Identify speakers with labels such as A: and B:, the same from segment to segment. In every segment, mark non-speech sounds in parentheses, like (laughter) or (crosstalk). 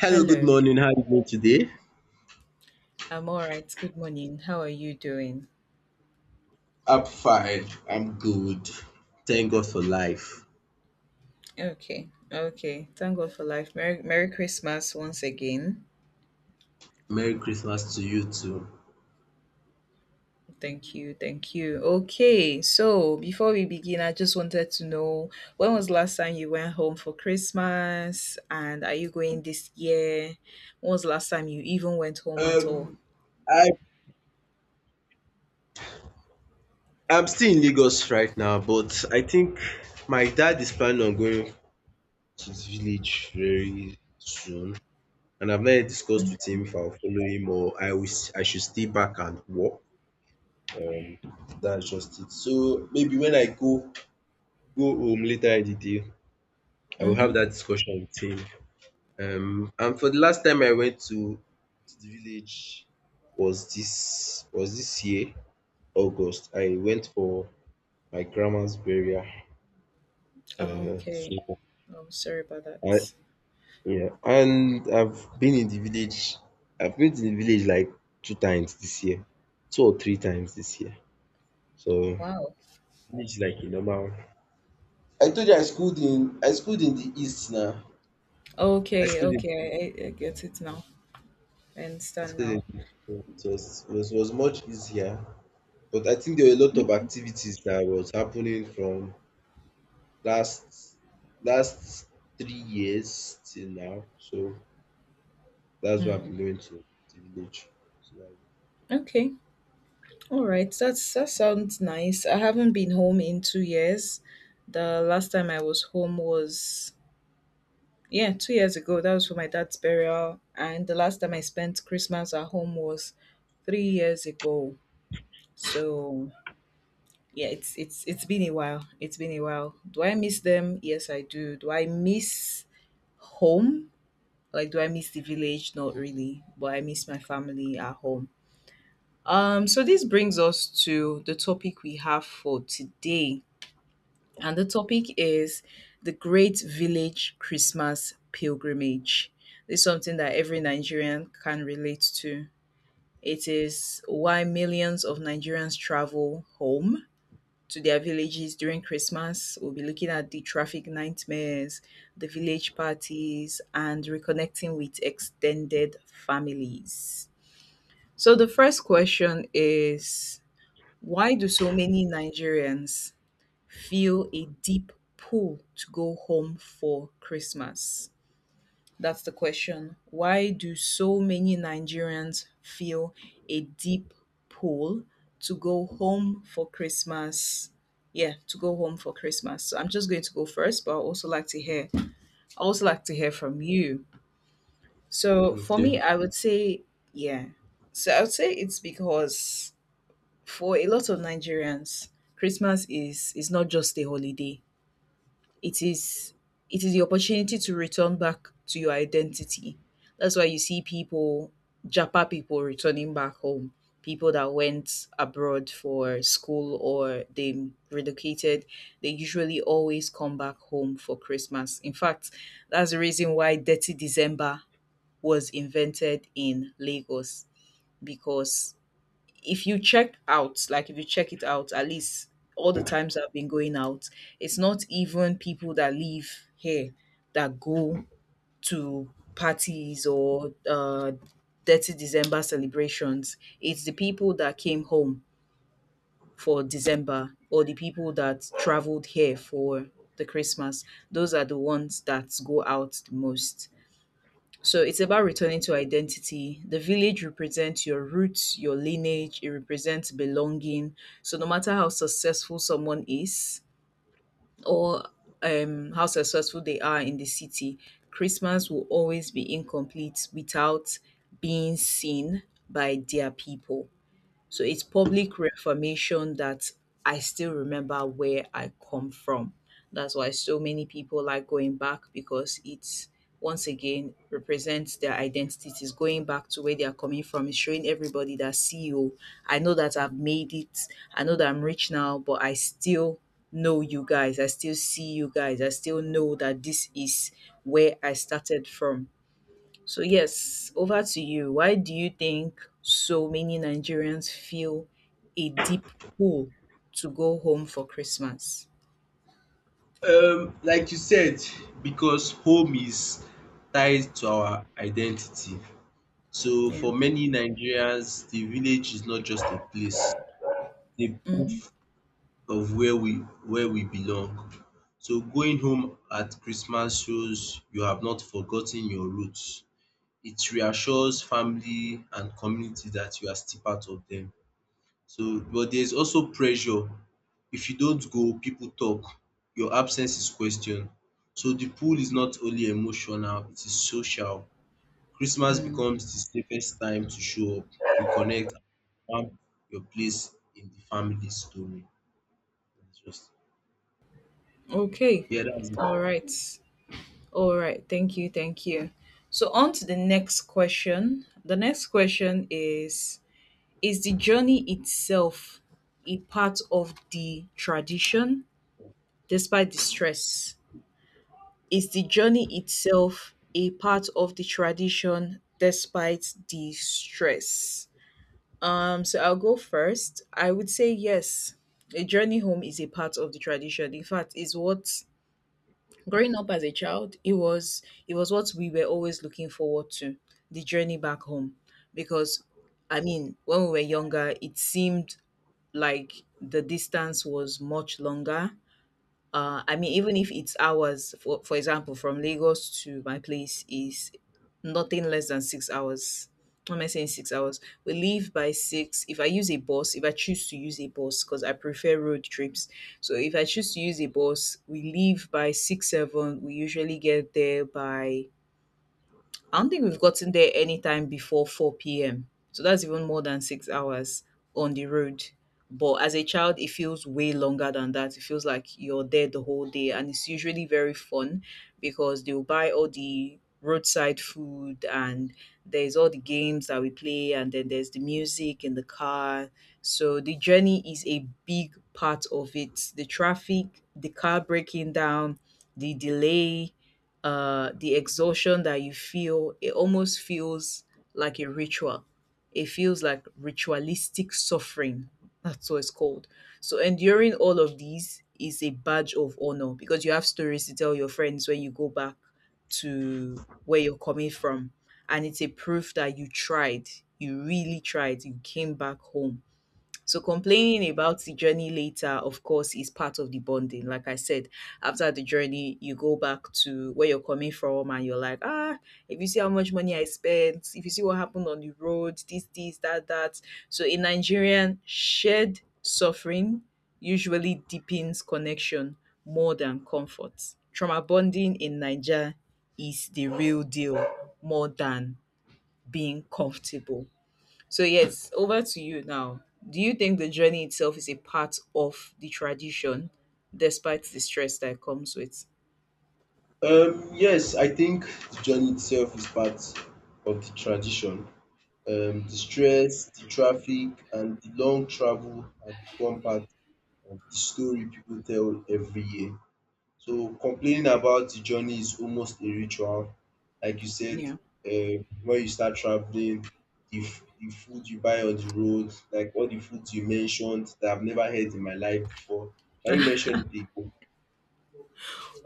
A: Hello, good
B: Hello,
A: morning. How are you doing today?
B: I'm all right. Good morning. How are you doing?
A: I'm fine. I'm good. Thank God for life.
B: Okay, okay. Thank God for life. Merry, Merry Christmas once again.
A: Merry Christmas to you too.
B: Thank you, thank you. Okay, so before we begin, I just wanted to know when was the last time you went home for Christmas, and are you going this year? When was the last time you even went home at all?
A: Um, I I'm still in Lagos right now, but I think my dad is planning on going to the village very soon, and I've not yet discussed with him if I'll follow him or I wish I should stay back and work. Um, that's just it. So maybe when I go home later in the day, I will have
B: Mm-hmm.
A: that discussion with him. And for the last time I went to the village was this year August. I went for my grandma's burial.
B: Okay,
A: So
B: I'm sorry about
A: I
B: that.
A: yeah, and I've been to the village like two times this year. Two or three times this year. So
B: Wow.
A: village like a normal. I told you I schooled in the east now. I
B: Okay,
A: schooled in
B: okay, I get it now. I
A: I
B: understand
A: schooled
B: now.
A: in So it was much easier. But I think there were a lot of
B: Okay.
A: activities that was happening from last last 3 years till now. So that's why
B: Hmm.
A: I'm going to the village. So that's
B: Okay. All right, that sounds nice. I haven't been home in 2 years. The last time I was home was, yeah, 2 years ago. That was for my dad's burial, and the last time I spent Christmas at home was 3 years ago. So yeah, it's been a while. It's been a while. Do I miss them? Yes, I do. Do I miss home? Like, do I miss the village? Not really, but I miss my family at home. So this brings us to the topic we have for today. And the topic is the Great Village Christmas Pilgrimage. This is something that every Nigerian can relate to. It is why millions of Nigerians travel home to their villages during Christmas. We'll be looking at the traffic nightmares, the village parties, and reconnecting with extended families. So, the first question is, why do so many Nigerians feel a deep pull to go home for Christmas? That's the question. Why do so many Nigerians feel a deep pull to go home for Christmas? Yeah, to go home for Christmas. So I'm just going to go first, but I also like to hear. I also like to hear from you.
A: it.
B: So for
A: Okay.
B: me, I would say, yeah. So I would say it's because for a lot of Nigerians, Christmas is not just a holiday, it is it is the opportunity to return back to your identity. That's why you see people, Japa people returning back home, people that went abroad for school or they relocated, they usually always come back home for Christmas. In fact, that's the reason why Dirty December was invented in Lagos because if you check out, like if you check it out, at least all the times I've been going out, it's not even people that live here that go to parties or dirty December celebrations. It's the people that came home for December or the people that traveled here for the Christmas. Those are the ones that go out the most. So it's about returning to identity. The village represents your roots, your lineage, it represents belonging. So no matter how successful someone is or how successful they are in the city, Christmas will always be incomplete without being seen by their people. So it's public reformation that I still remember where I come from. That's why so many people like going back because it's once again represents their identity. It's going back to where they are coming from. It's showing everybody that CEO, I know that I've made it. I know that I'm rich now, but I still know you guys. I still see you guys. I still know that this is where I started from. So, yes, over to you. Why do you think so many Nigerians feel a deep pull to go home for Christmas?
A: Like you said, because home is tied to our identity. So
B: Yeah.
A: for many Nigerians, the village is not just a place,
B: Mm-hmm.
A: it's a of where we belong. So going home at Christmas shows you have not forgotten your roots. It reassures family and community that you are still part of them. So but there's also pressure. If you don't go, people talk. Your absence is questioned. So the pull is not only emotional, it is social. Christmas
B: Mm.
A: becomes the safest time to show up, reconnect, and find your place in the family story. That's just
B: Okay.
A: yeah, that's
B: All right. All right. Thank you. Thank you. So, on to the next question. The next question is the journey itself a part of the tradition despite the stress? Is the journey itself a part of the tradition despite the stress? So I'll go first. I would say yes. A journey home is a part of the tradition. In fact, is what growing up as a child, it was what we were always looking forward to, the journey back home. Because I mean, when we were younger, it seemed like the distance was much longer, I mean, even if it's hours, for example, from Lagos to my place is nothing less than 6 hours. What am I saying? 6 hours. We leave by six. If I use a bus, if I choose to use a bus, because I prefer road trips. So if I choose to use a bus, we leave by six, seven. We usually get there by, I don't think we've gotten there anytime before 4 p.m. So that's even more than 6 hours on the road. But as a child, it feels way longer than that. It feels like you're there the whole day, and it's usually very fun because they'll buy all the roadside food and there's all the games that we play, and then there's the music in the car. So the journey is a big part of it, the traffic, the car breaking down, the delay, the exhaustion that you feel. It almost feels like a ritual. It feels like ritualistic suffering. That's what it's called. So enduring all of these is a badge of honor because you have stories to tell your friends when you go back to where you're coming from, and it's a proof that you tried. You really tried. You came back home. So complaining about the journey later, of course, is part of the bonding. Like I said, after the journey, you go back to where you're coming from and you're like, ah, if you see how much money I spent, if you see what happened on the road, this, that, that. So in Nigerian, shared suffering usually deepens connection more than comfort. Trauma bonding in Niger is the real deal more than being comfortable. So yes, over to you now. Do you think the journey itself is a part of the tradition despite the stress that it comes with?
A: um, yes, I think the journey itself is part of the tradition. The stress, the traffic, and the long travel have become part of the story people tell every year. So complaining about the journey is almost a ritual. Like you said,
B: Yeah.
A: when you start traveling, the food you buy on the road, like all the foods you mentioned that I've never had in my life before. Can you mention it again?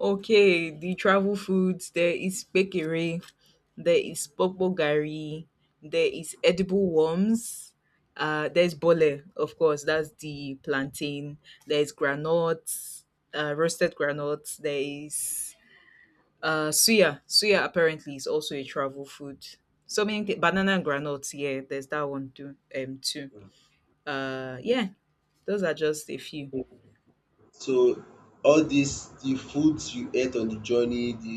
B: Okay, the travel foods, there is pekere, there is popo gari, there is edible worms, there's bole, of course, that's the plantain, there's granuts, roasted granuts, there is suya. Suya apparently is also a travel food. So many banana and granules. Yeah, there's that one too. Too. Yeah, those are just a few.
A: So all dis the foods you ate on the journey,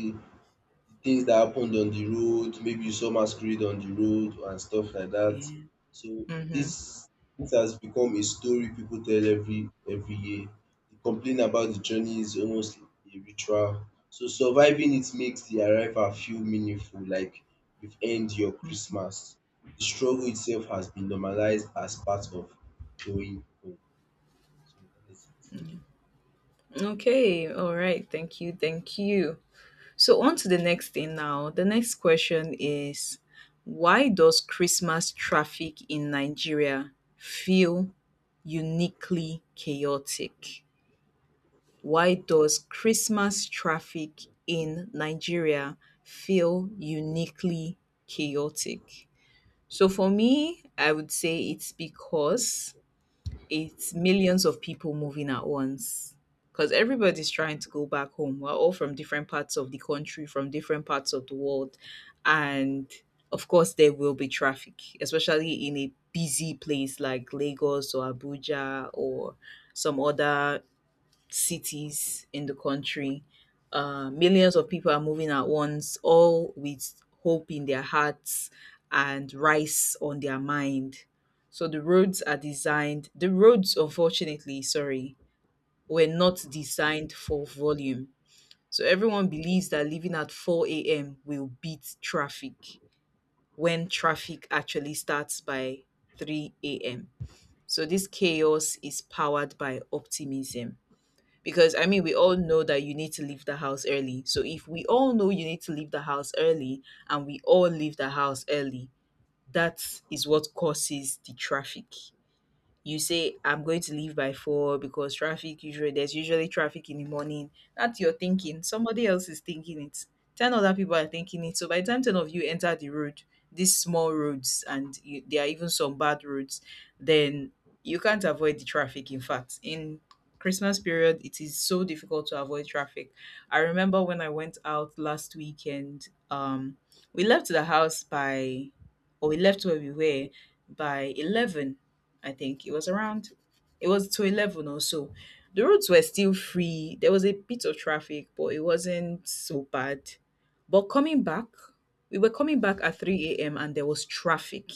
A: the things that happened on the road, maybe you saw masquerade on the road and stuff like that.
B: Yeah.
A: So
B: Mm-hmm.
A: this dis has become a story people tell every year. The complaint about the journey is almost a ritual. So surviving it makes the arrival feel meaningful, like you've earned your Christmas. The struggle itself has been normalized as part of going home. So dat
B: Mm-hmm. Okay. All right. Thank you. Thank you. So on to the next thing now. The next question is, why does Christmas traffic in Nigeria feel uniquely chaotic? Why does Christmas traffic in Nigeria feel uniquely chaotic? So for me, I would say it's because it's millions of people moving at once. Because everybody's trying to go back home. We're all from different parts of the country, from different parts of the world. And of course, there will be traffic, especially in a busy place like Lagos or Abuja or some other cities in the country. Millions of people are moving at once, all with hope in their hearts and rice on their mind. So the roads are designed, the roads, unfortunately, sorry, were not designed for volume. So everyone believes that leaving at 4 a.m. will beat traffic when traffic actually starts by 3 a.m. So this chaos is powered by optimism. Because I mean, we all know that you need to leave the house early. So if we all know you need to leave the house early and we all leave the house early, that is what causes the traffic. You say I'm going to leave by 4 because traffic usually, there's usually traffic in the morning, that's your thinking. Somebody else is thinking it, 10 other people are thinking it. So by the time 10 of you enter the road, these small roads, and you, there are even some bad roads, then you can't avoid the traffic. In fact, in Christmas period, it is so difficult to avoid traffic. I remember when I went out last weekend, we left the house by, or we left where we were, by 11. I think it was around, it was to 11 or so. The roads were still free. There was a bit of traffic, but it wasn't so bad. But coming back, we were coming back at 3 a.m. and there was traffic.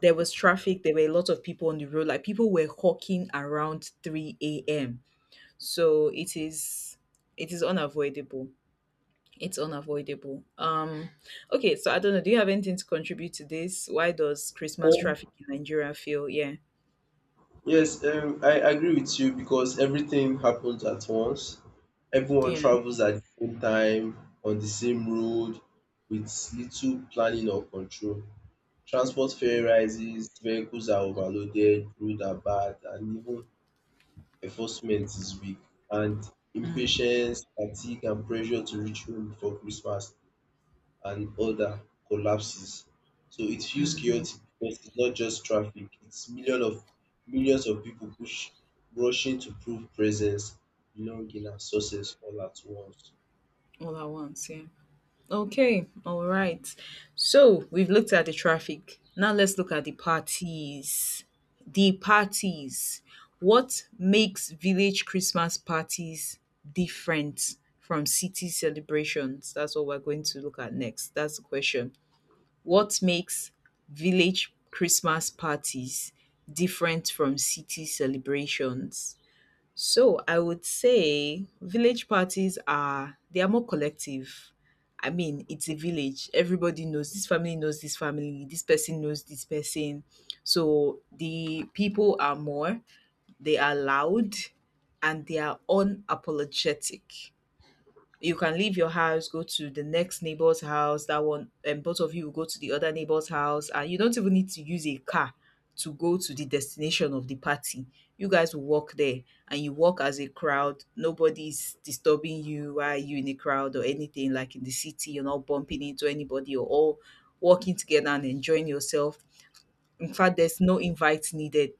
B: There was traffic. There were a lot of people on the road. Like people were hawking around 3 a.m. So it is unavoidable. It's unavoidable. Okay, so I don't know. Do you have anything to contribute to this? Why does Christmas
A: it.
B: traffic in Nigeria feel? Yeah.
A: Yes, I agree with you because everything happens at once. Everyone
B: Yeah.
A: travels at the same time on the same road with little planning or control. Transport fare
B: Mm.
A: rises, vehicles are overloaded, roads are bad, and even enforcement is weak. And
B: Mm,
A: impatience, fatigue, and pressure to reach home before Christmas and order collapses. So it feels chaotic because it's not just traffic, it's millions of people push rushing to prove presence, belonging and success all at once.
B: all at once, yeah. Okay, all right. So we've looked at the traffic. Now let's look at the parties. The parties. What makes village Christmas parties different from city celebrations? That's what we're going to look at next. That's the question. What makes village Christmas parties different from city celebrations? So I would say village parties are they are more collective. I mean, it's a village. Everybody knows this family knows this family. This person knows this person. So the people are more, they are loud, and they are unapologetic. You can leave your house, go to the next neighbor's house, that one, and both of you will go to the other neighbor's house, and you don't even need to use a car to go to the destination of the party. You guys will walk there, and you walk as a crowd. Nobody's disturbing you while you in a crowd or anything like in the city. You're not bumping into anybody. You're all walking together and enjoying yourself. In fact, there's no invite needed.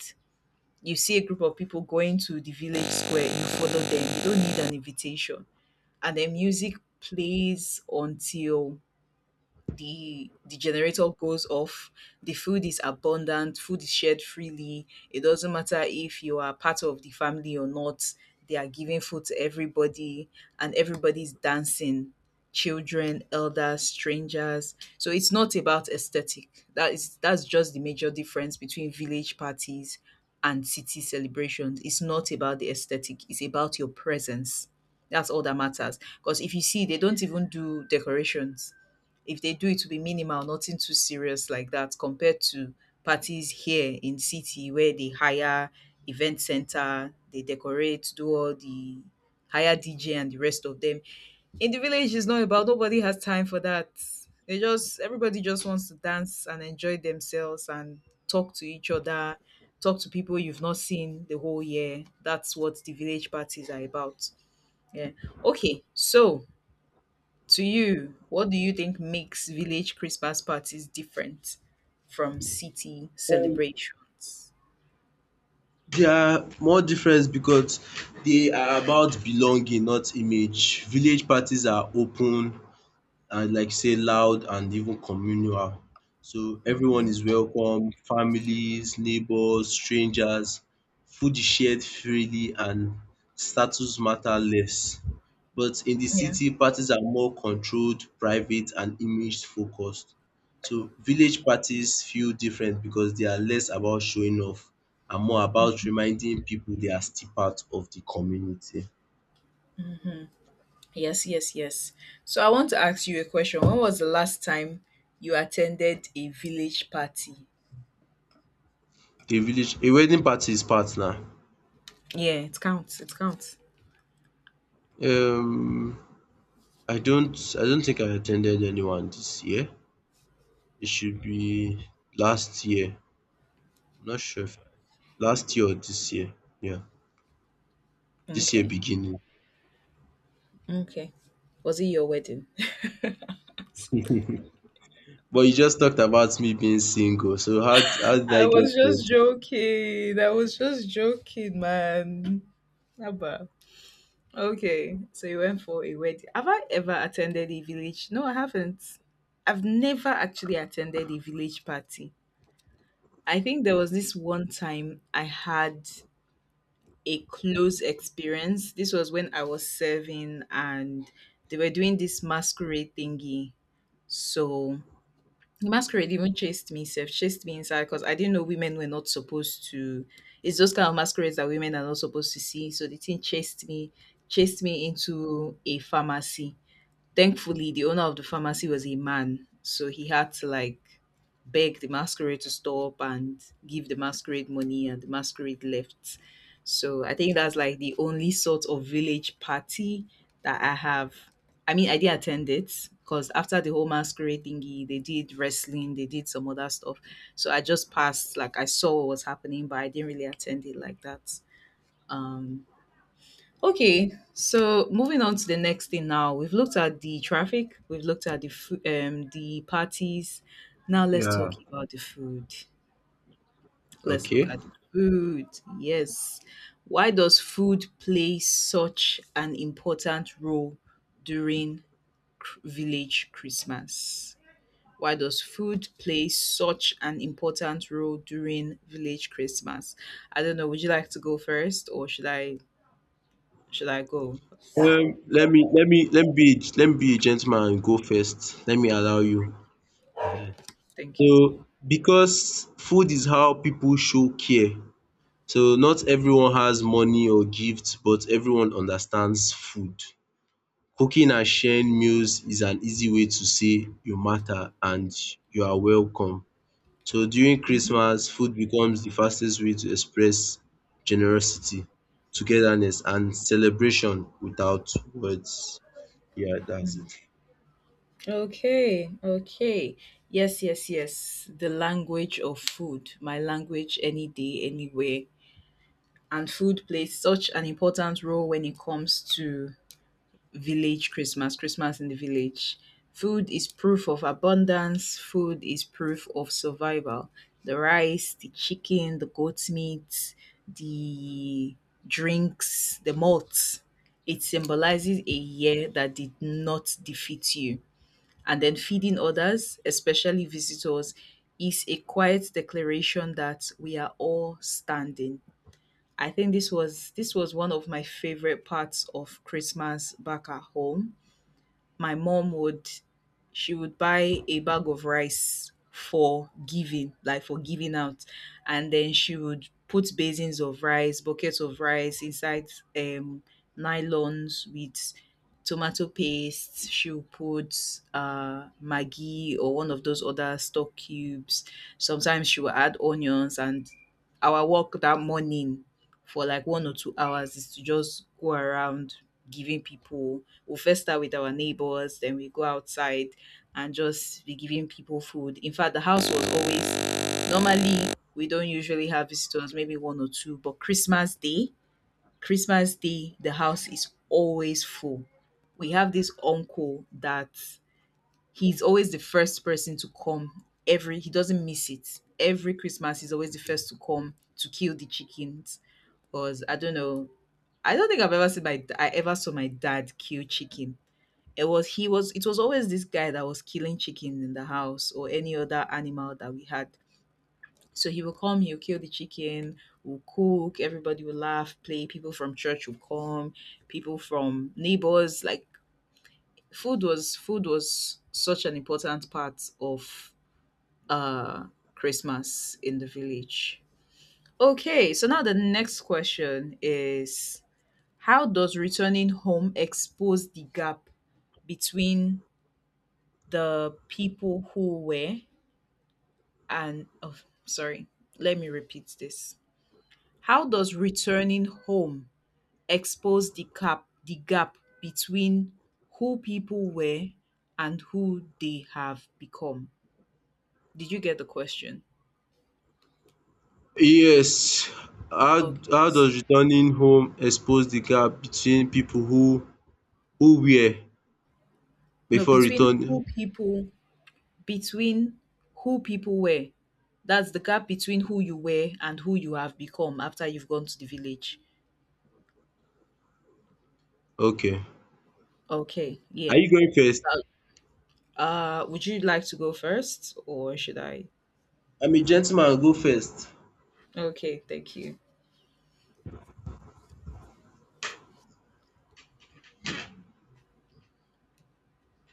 B: You see a group of people going to the village square, you follow them. You don't need an invitation, and the music plays until the generator goes off. The food is abundant, food is shared freely. It doesn't matter if you are part of the family or not, they are giving food to everybody, and everybody's dancing. Children, elders, strangers. So it's not about aesthetic, that's just the major difference between village parties and city celebrations. It's not about the aesthetic, it's about your presence. That's all that matters, because if you see, they don't even do decorations. If they do, it to be minimal, nothing too serious like that, compared to parties here in city where they hire event center, they decorate, do all the hire DJ and the rest of them. In the village, it's not about, nobody has time for that. They just Everybody just wants to dance and enjoy themselves and talk to each other, talk to people you've not seen the whole year. That's what the village parties are about. Yeah. Okay, so to you, what do you think makes village Christmas parties different from city
A: Um,
B: celebrations?
A: There are more difference because they are about belonging, not image. Village parties are open, and like say loud and even communal. So everyone
B: Hmm.
A: is welcome, families, neighbors, strangers. Food is shared freely and status matter less. But in the
B: Yeah.
A: city, parties are more controlled, private, and image focused. So village parties feel different because they are less about showing off and more about reminding people they are still part of the community.
B: Yes, yes, yes. So I want to ask you a question. When was the last time you attended a village party?
A: A village a wedding party is part na.
B: Yeah, it counts. It counts.
A: Um I don't I don't think I attended anyone this year. It should be last year. I'm not sure if last year or this year. Yeah. This year
B: Okay.
A: beginning.
B: Okay. Was it your wedding? (laughs)
A: But you just talked about me being single. So how did I
B: I was
A: get
B: just
A: it?
B: joking. I was just joking, man. Abba. Okay, so you went for a wedding. Have I ever attended a village? No, I haven't. I've never actually attended a village party. I think there was this one time I had a close experience. This was when I was serving, and they were doing this masquerade thingy. So the masquerade even chased me, self chased me inside, because I didn't know women were not supposed to. It's those kind of masquerades that women are not supposed to see. So the thing chased me into a pharmacy. Thankfully, the owner of the pharmacy was a man, so he had to like beg the masquerade to stop and give the masquerade money, and the masquerade left. So I think that's like the only sort of village party that I have. I mean, I did attend it because after the whole masquerade thingy, they did wrestling, they did some other stuff. So I just passed, like I saw what was happening, but I didn't really attend it like that. Um, Okay, so moving on to the next thing now. We've looked at the traffic, we've looked at the food, the parties. Now let's talk
A: Yeah.
B: about the food. Let's look
A: Okay.
B: at the food. Yes. Why does food play such an important role during village Christmas? Why does food play such an important role during village Christmas? I don't know, would you like to go first, or should I go?
A: Let me let me let me be a gentleman and go first. Let me allow you.
B: Thank you.
A: So because food is how people show care. So not everyone has money or gifts, but everyone understands food. Cooking and sharing meals is an easy way to say "you matter" and "you are welcome". So during Christmas, food becomes the fastest way to express generosity, togetherness and celebration without words. Yeah, that's it.
B: Okay, okay. Yes, yes, yes. The language of food, my language any day, anywhere. And food plays such an important role when it comes to village Christmas, Christmas in the village. Food is proof of abundance, food is proof of survival. The rice, the chicken, the goat meat, the drinks, the malts. It symbolizes a year that did not defeat you, and then feeding others, especially visitors, is a quiet declaration that we are all standing. I think this was one of my favorite parts of Christmas back at home. My mom would, she would buy a bag of rice for giving, like for giving out. And then she would put basins of rice, buckets of rice inside um nylons with tomato paste. She would put Maggi or one of those other stock cubes. Sometimes she would add onions, and our work that morning for like 1 or 2 hours is to just go around giving people. We'll first start with our neighbors, then we go outside and just be giving people food. In fact, the house was always, normally we don't usually have visitors, maybe 1 or 2, but Christmas Day, Christmas Day, the house is always full. We have this uncle that he's always the first person to come every, he doesn't miss it. Every Christmas he's always the first to come to kill the chickens. Because I don't know. I don't think I've ever seen my, I ever saw my dad kill chicken. It was always this guy that was killing chicken in the house, or any other animal that we had. So he will come, he'll kill the chicken, we'll cook, everybody will laugh, play, people from church will come, people from neighbors, like food was such an important part of uh Christmas in the village. Okay, so now the next question is, how does returning home expose the gap between the people who were, and oh, sorry, let me repeat this. How does returning home expose the gap between who people were and who they have become? Did you get the question?
A: Yes, how
B: Okay.
A: how does returning home expose the gap between people who were
B: No,
A: before returning?
B: between who people were. That's the gap between who you were and who you have become after you've gone to the village.
A: Okay.
B: Okay,
A: Are
B: yeah.
A: you going first?
B: Uh, would you like to go first or should I?
A: I'm a gentleman, I'll go first.
B: Okay, thank you.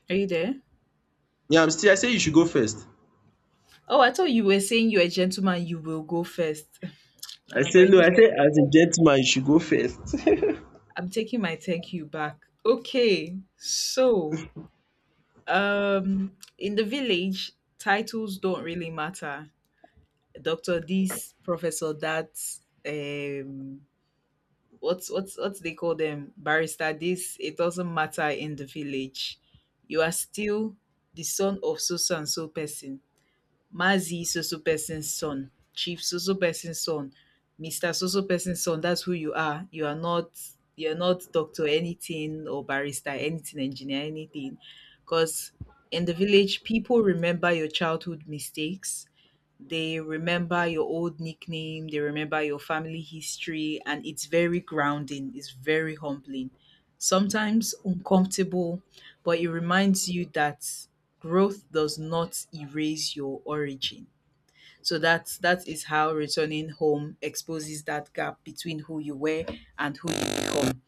B: Are you there?
A: Yeah, I'm still I say you should go first.
B: Oh, I thought you were saying you're a gentleman, you will go first. (laughs)
A: I
B: And I've
A: say no,
B: already
A: I
B: said
A: say
B: that.
A: as a gentleman you should go first. (laughs)
B: I'm taking my thank you back. Okay, so um in the village, titles don't really matter. Doctor this, Professor that, um, what's what they call them, barrister this. It doesn't matter in the village. You are still the son of so so and so person, Mazi so so person's son, Chief so so person's son, Mister so so person's son. That's who you are. You are not you're not doctor anything, or barrister anything, engineer anything, because in the village people remember your childhood mistakes, they remember your old nickname, they remember your family history, and it's very grounding, it's very humbling, sometimes uncomfortable, but it reminds you that growth does not erase your origin. So that is how returning home exposes that gap between who you were and who you become.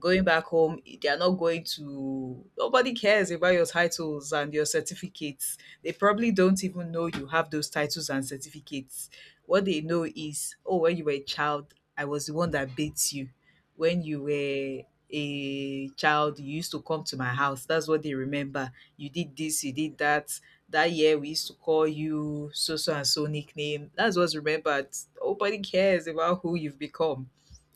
B: Going back home, they are not going to nobody cares about your titles and your certificates. They probably don't even know you have those titles and certificates. What they know is, oh, when you were a child, I was the one that beat you. When you were a child, you used to come to my house. That's what they remember. You did this, you did that. That year we used to call you so so and so nickname. That's what's remembered. Nobody cares about who you've become.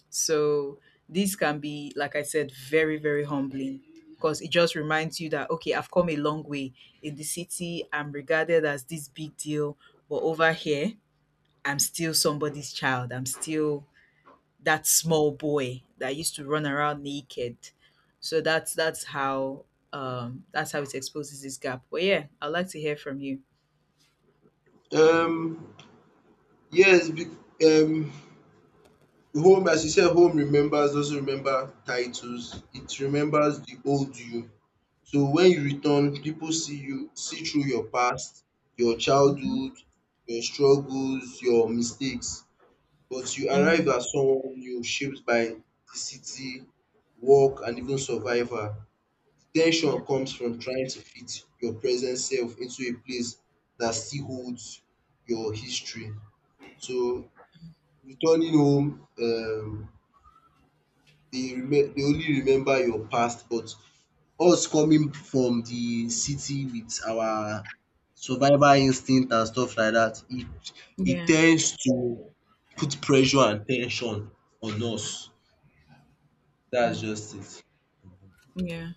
B: So this can be, like I said, very, very humbling, because it just reminds you that okay, I've come a long way. In the city, I'm regarded as this big deal, but over here, I'm still somebody's child. I'm still that small boy that used to run around naked. So that's how it exposes this gap. But yeah, I'd like to hear from you.
A: Um, yes, um, home, as you said, home remembers, doesn't remember titles. It remembers the old you. So when you return, people see you, see through your past, your childhood, your struggles, your mistakes. But you arrive
B: Mhm.
A: as someone new, shaped by the city, work, and even survival.
B: Yeah.
A: Tension comes from trying to fit your present self into a place that still holds your history. So returning home, dey only remember your past but us coming from the city with our survival instinct and stuff like that, it
B: Yeah.
A: tends to put pressure and tension on us. That's
B: Mm.
A: just it.
B: Yeah.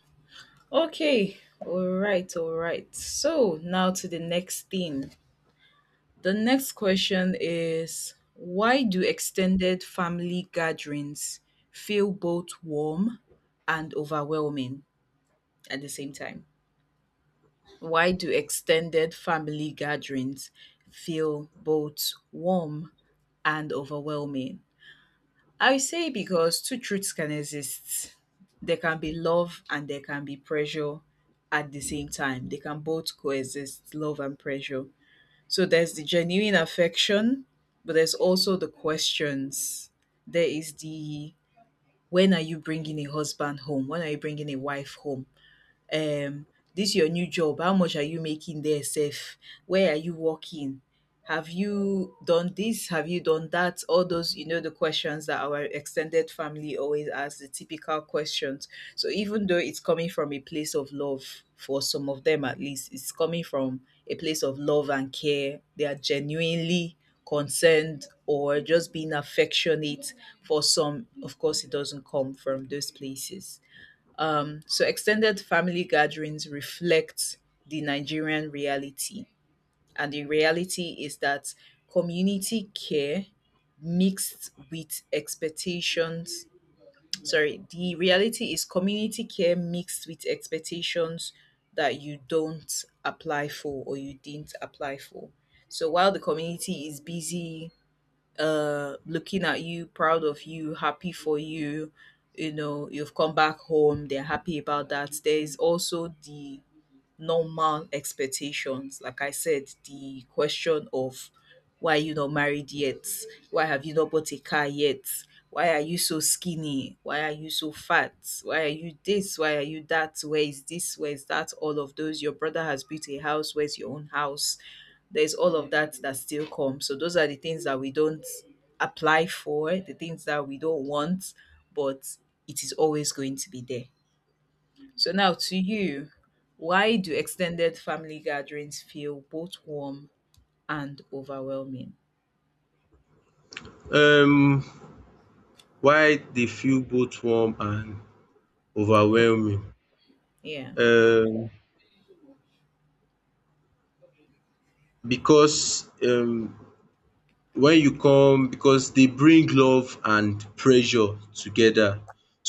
B: Okay. All right. All right. So now to the next thing. The next question is, why do extended family gatherings feel both warm and overwhelming at the same time? Why do extended family gatherings feel both warm and overwhelming? I say because two truths can exist. There can be love and there can be pressure at the same time. They can both coexist, love and pressure. So there's the genuine affection, but there's also the questions. There is the, when are you bringing a husband home? When are you bringing a wife home? um this your new job, how much are you making there sef? Where are you working? Have you done this? Have you done that? All those, the questions that our extended family always ask, the typical questions. So even though it's coming from a place of love, for some of them at least, it's coming from a place of love and care, they are genuinely concerned, or just being affectionate. For some, of course, it doesn't come from those places. So extended family gatherings reflect the Nigerian reality. And the reality is that community care mixed with expectations. Sorry, the reality is community care mixed with expectations that you don't apply for, or you didn't apply for. So while the community is busy looking at you, proud of you, happy for you, you know you've come back home, they're happy about that, there is also the normal expectations, like I said, the question of, why are you not married yet? Why have you not bought a car yet? Why are you so skinny? Why are you so fat? Why are you this? Why are you that? Where is this? Where is that? All of those. Your brother has built a house, where's your own house? There's all of that that still comes. So those are the things that we don't apply for, the things that we don't want, but it is always going to be there. So now to you, why do extended family gatherings feel both warm and overwhelming?
A: Um, why they feel both warm and overwhelming?
B: Yeah.
A: um because when you come because they bring love and pressure together.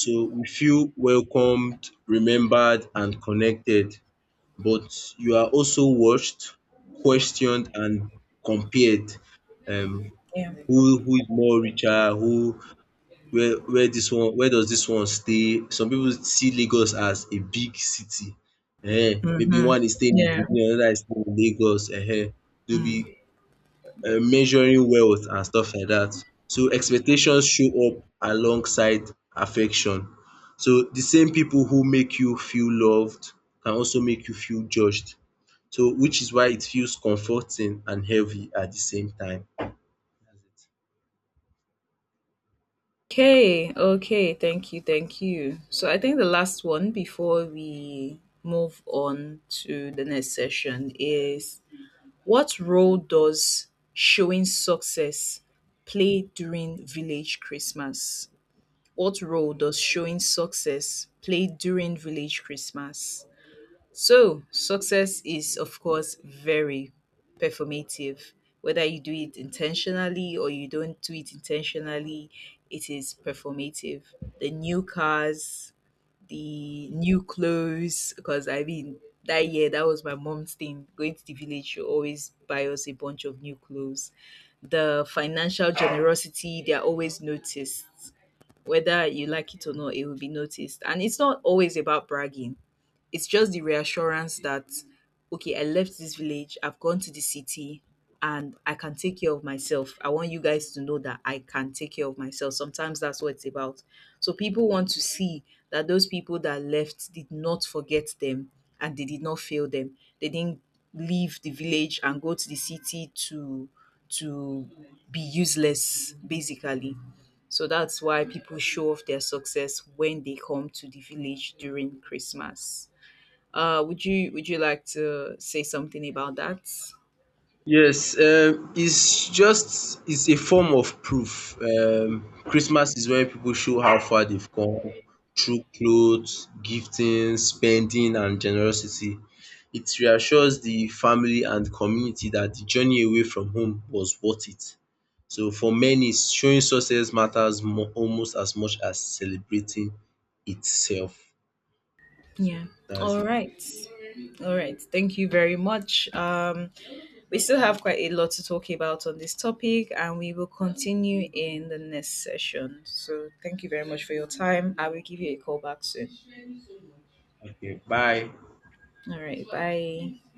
A: So we feel welcomed, remembered and connected, but you are also watched, questioned and compared. Um
B: Yeah.
A: who is more richer, who where this one where does this one stay? Some people see Lagos as a big city. Eh? Maybe
B: Mm-hmm.
A: one is staying in
B: Yeah.
A: Benin, another is staying in Lagos. Eh? Eh? They'll be
B: Mm.
A: measuring wealth and stuff like that. So expectations show up alongside affection. So the same people who make you feel loved can also make you feel judged. So which is why it feels comforting and heavy at the same time.
B: Okay, okay, thank you, thank you. So I think the last one before we move on to the next session is, what role does showing success play during village Christmas? What role does showing success play during village Christmas? So, success is, of course, very performative. Whether you do it intentionally or you don't do it intentionally, it is performative. The new cars, the new clothes, because I mean that year that was my mom's thing. Going to the village, she always buy us a bunch of new clothes. The financial generosity, they are always noticed. Whether you like it or not, it will be noticed. And it's not always about bragging. It's just the reassurance that okay, I left this village, I've gone to the city, and I can take care of myself. I want you guys to know that I can take care of myself. Sometimes that's what it's about. So people want to see that those people that left did not forget them, and they did not fail them. They didn't leave the village and go to the city to be useless basically. So that's why people show off their success when they come to the village during Christmas. Would you like to say something about that?
A: Yes, it's just it's a form of proof. Um, Christmas is where people show how far they've come through clothes, gifting, spending and generosity. It reassures the family and community that the journey away from home was worth it. So for many, showing success matters mo almost as much as celebrating itself. So
B: Yeah.
A: that's
B: All
A: it.
B: right. All right. Thank you very much. We still have quite a lot to talk about on this topic, and we will continue in the next session. So, thank you very much for your time. I will give you a call back soon.
A: Okay, bye.
B: All right. Bye.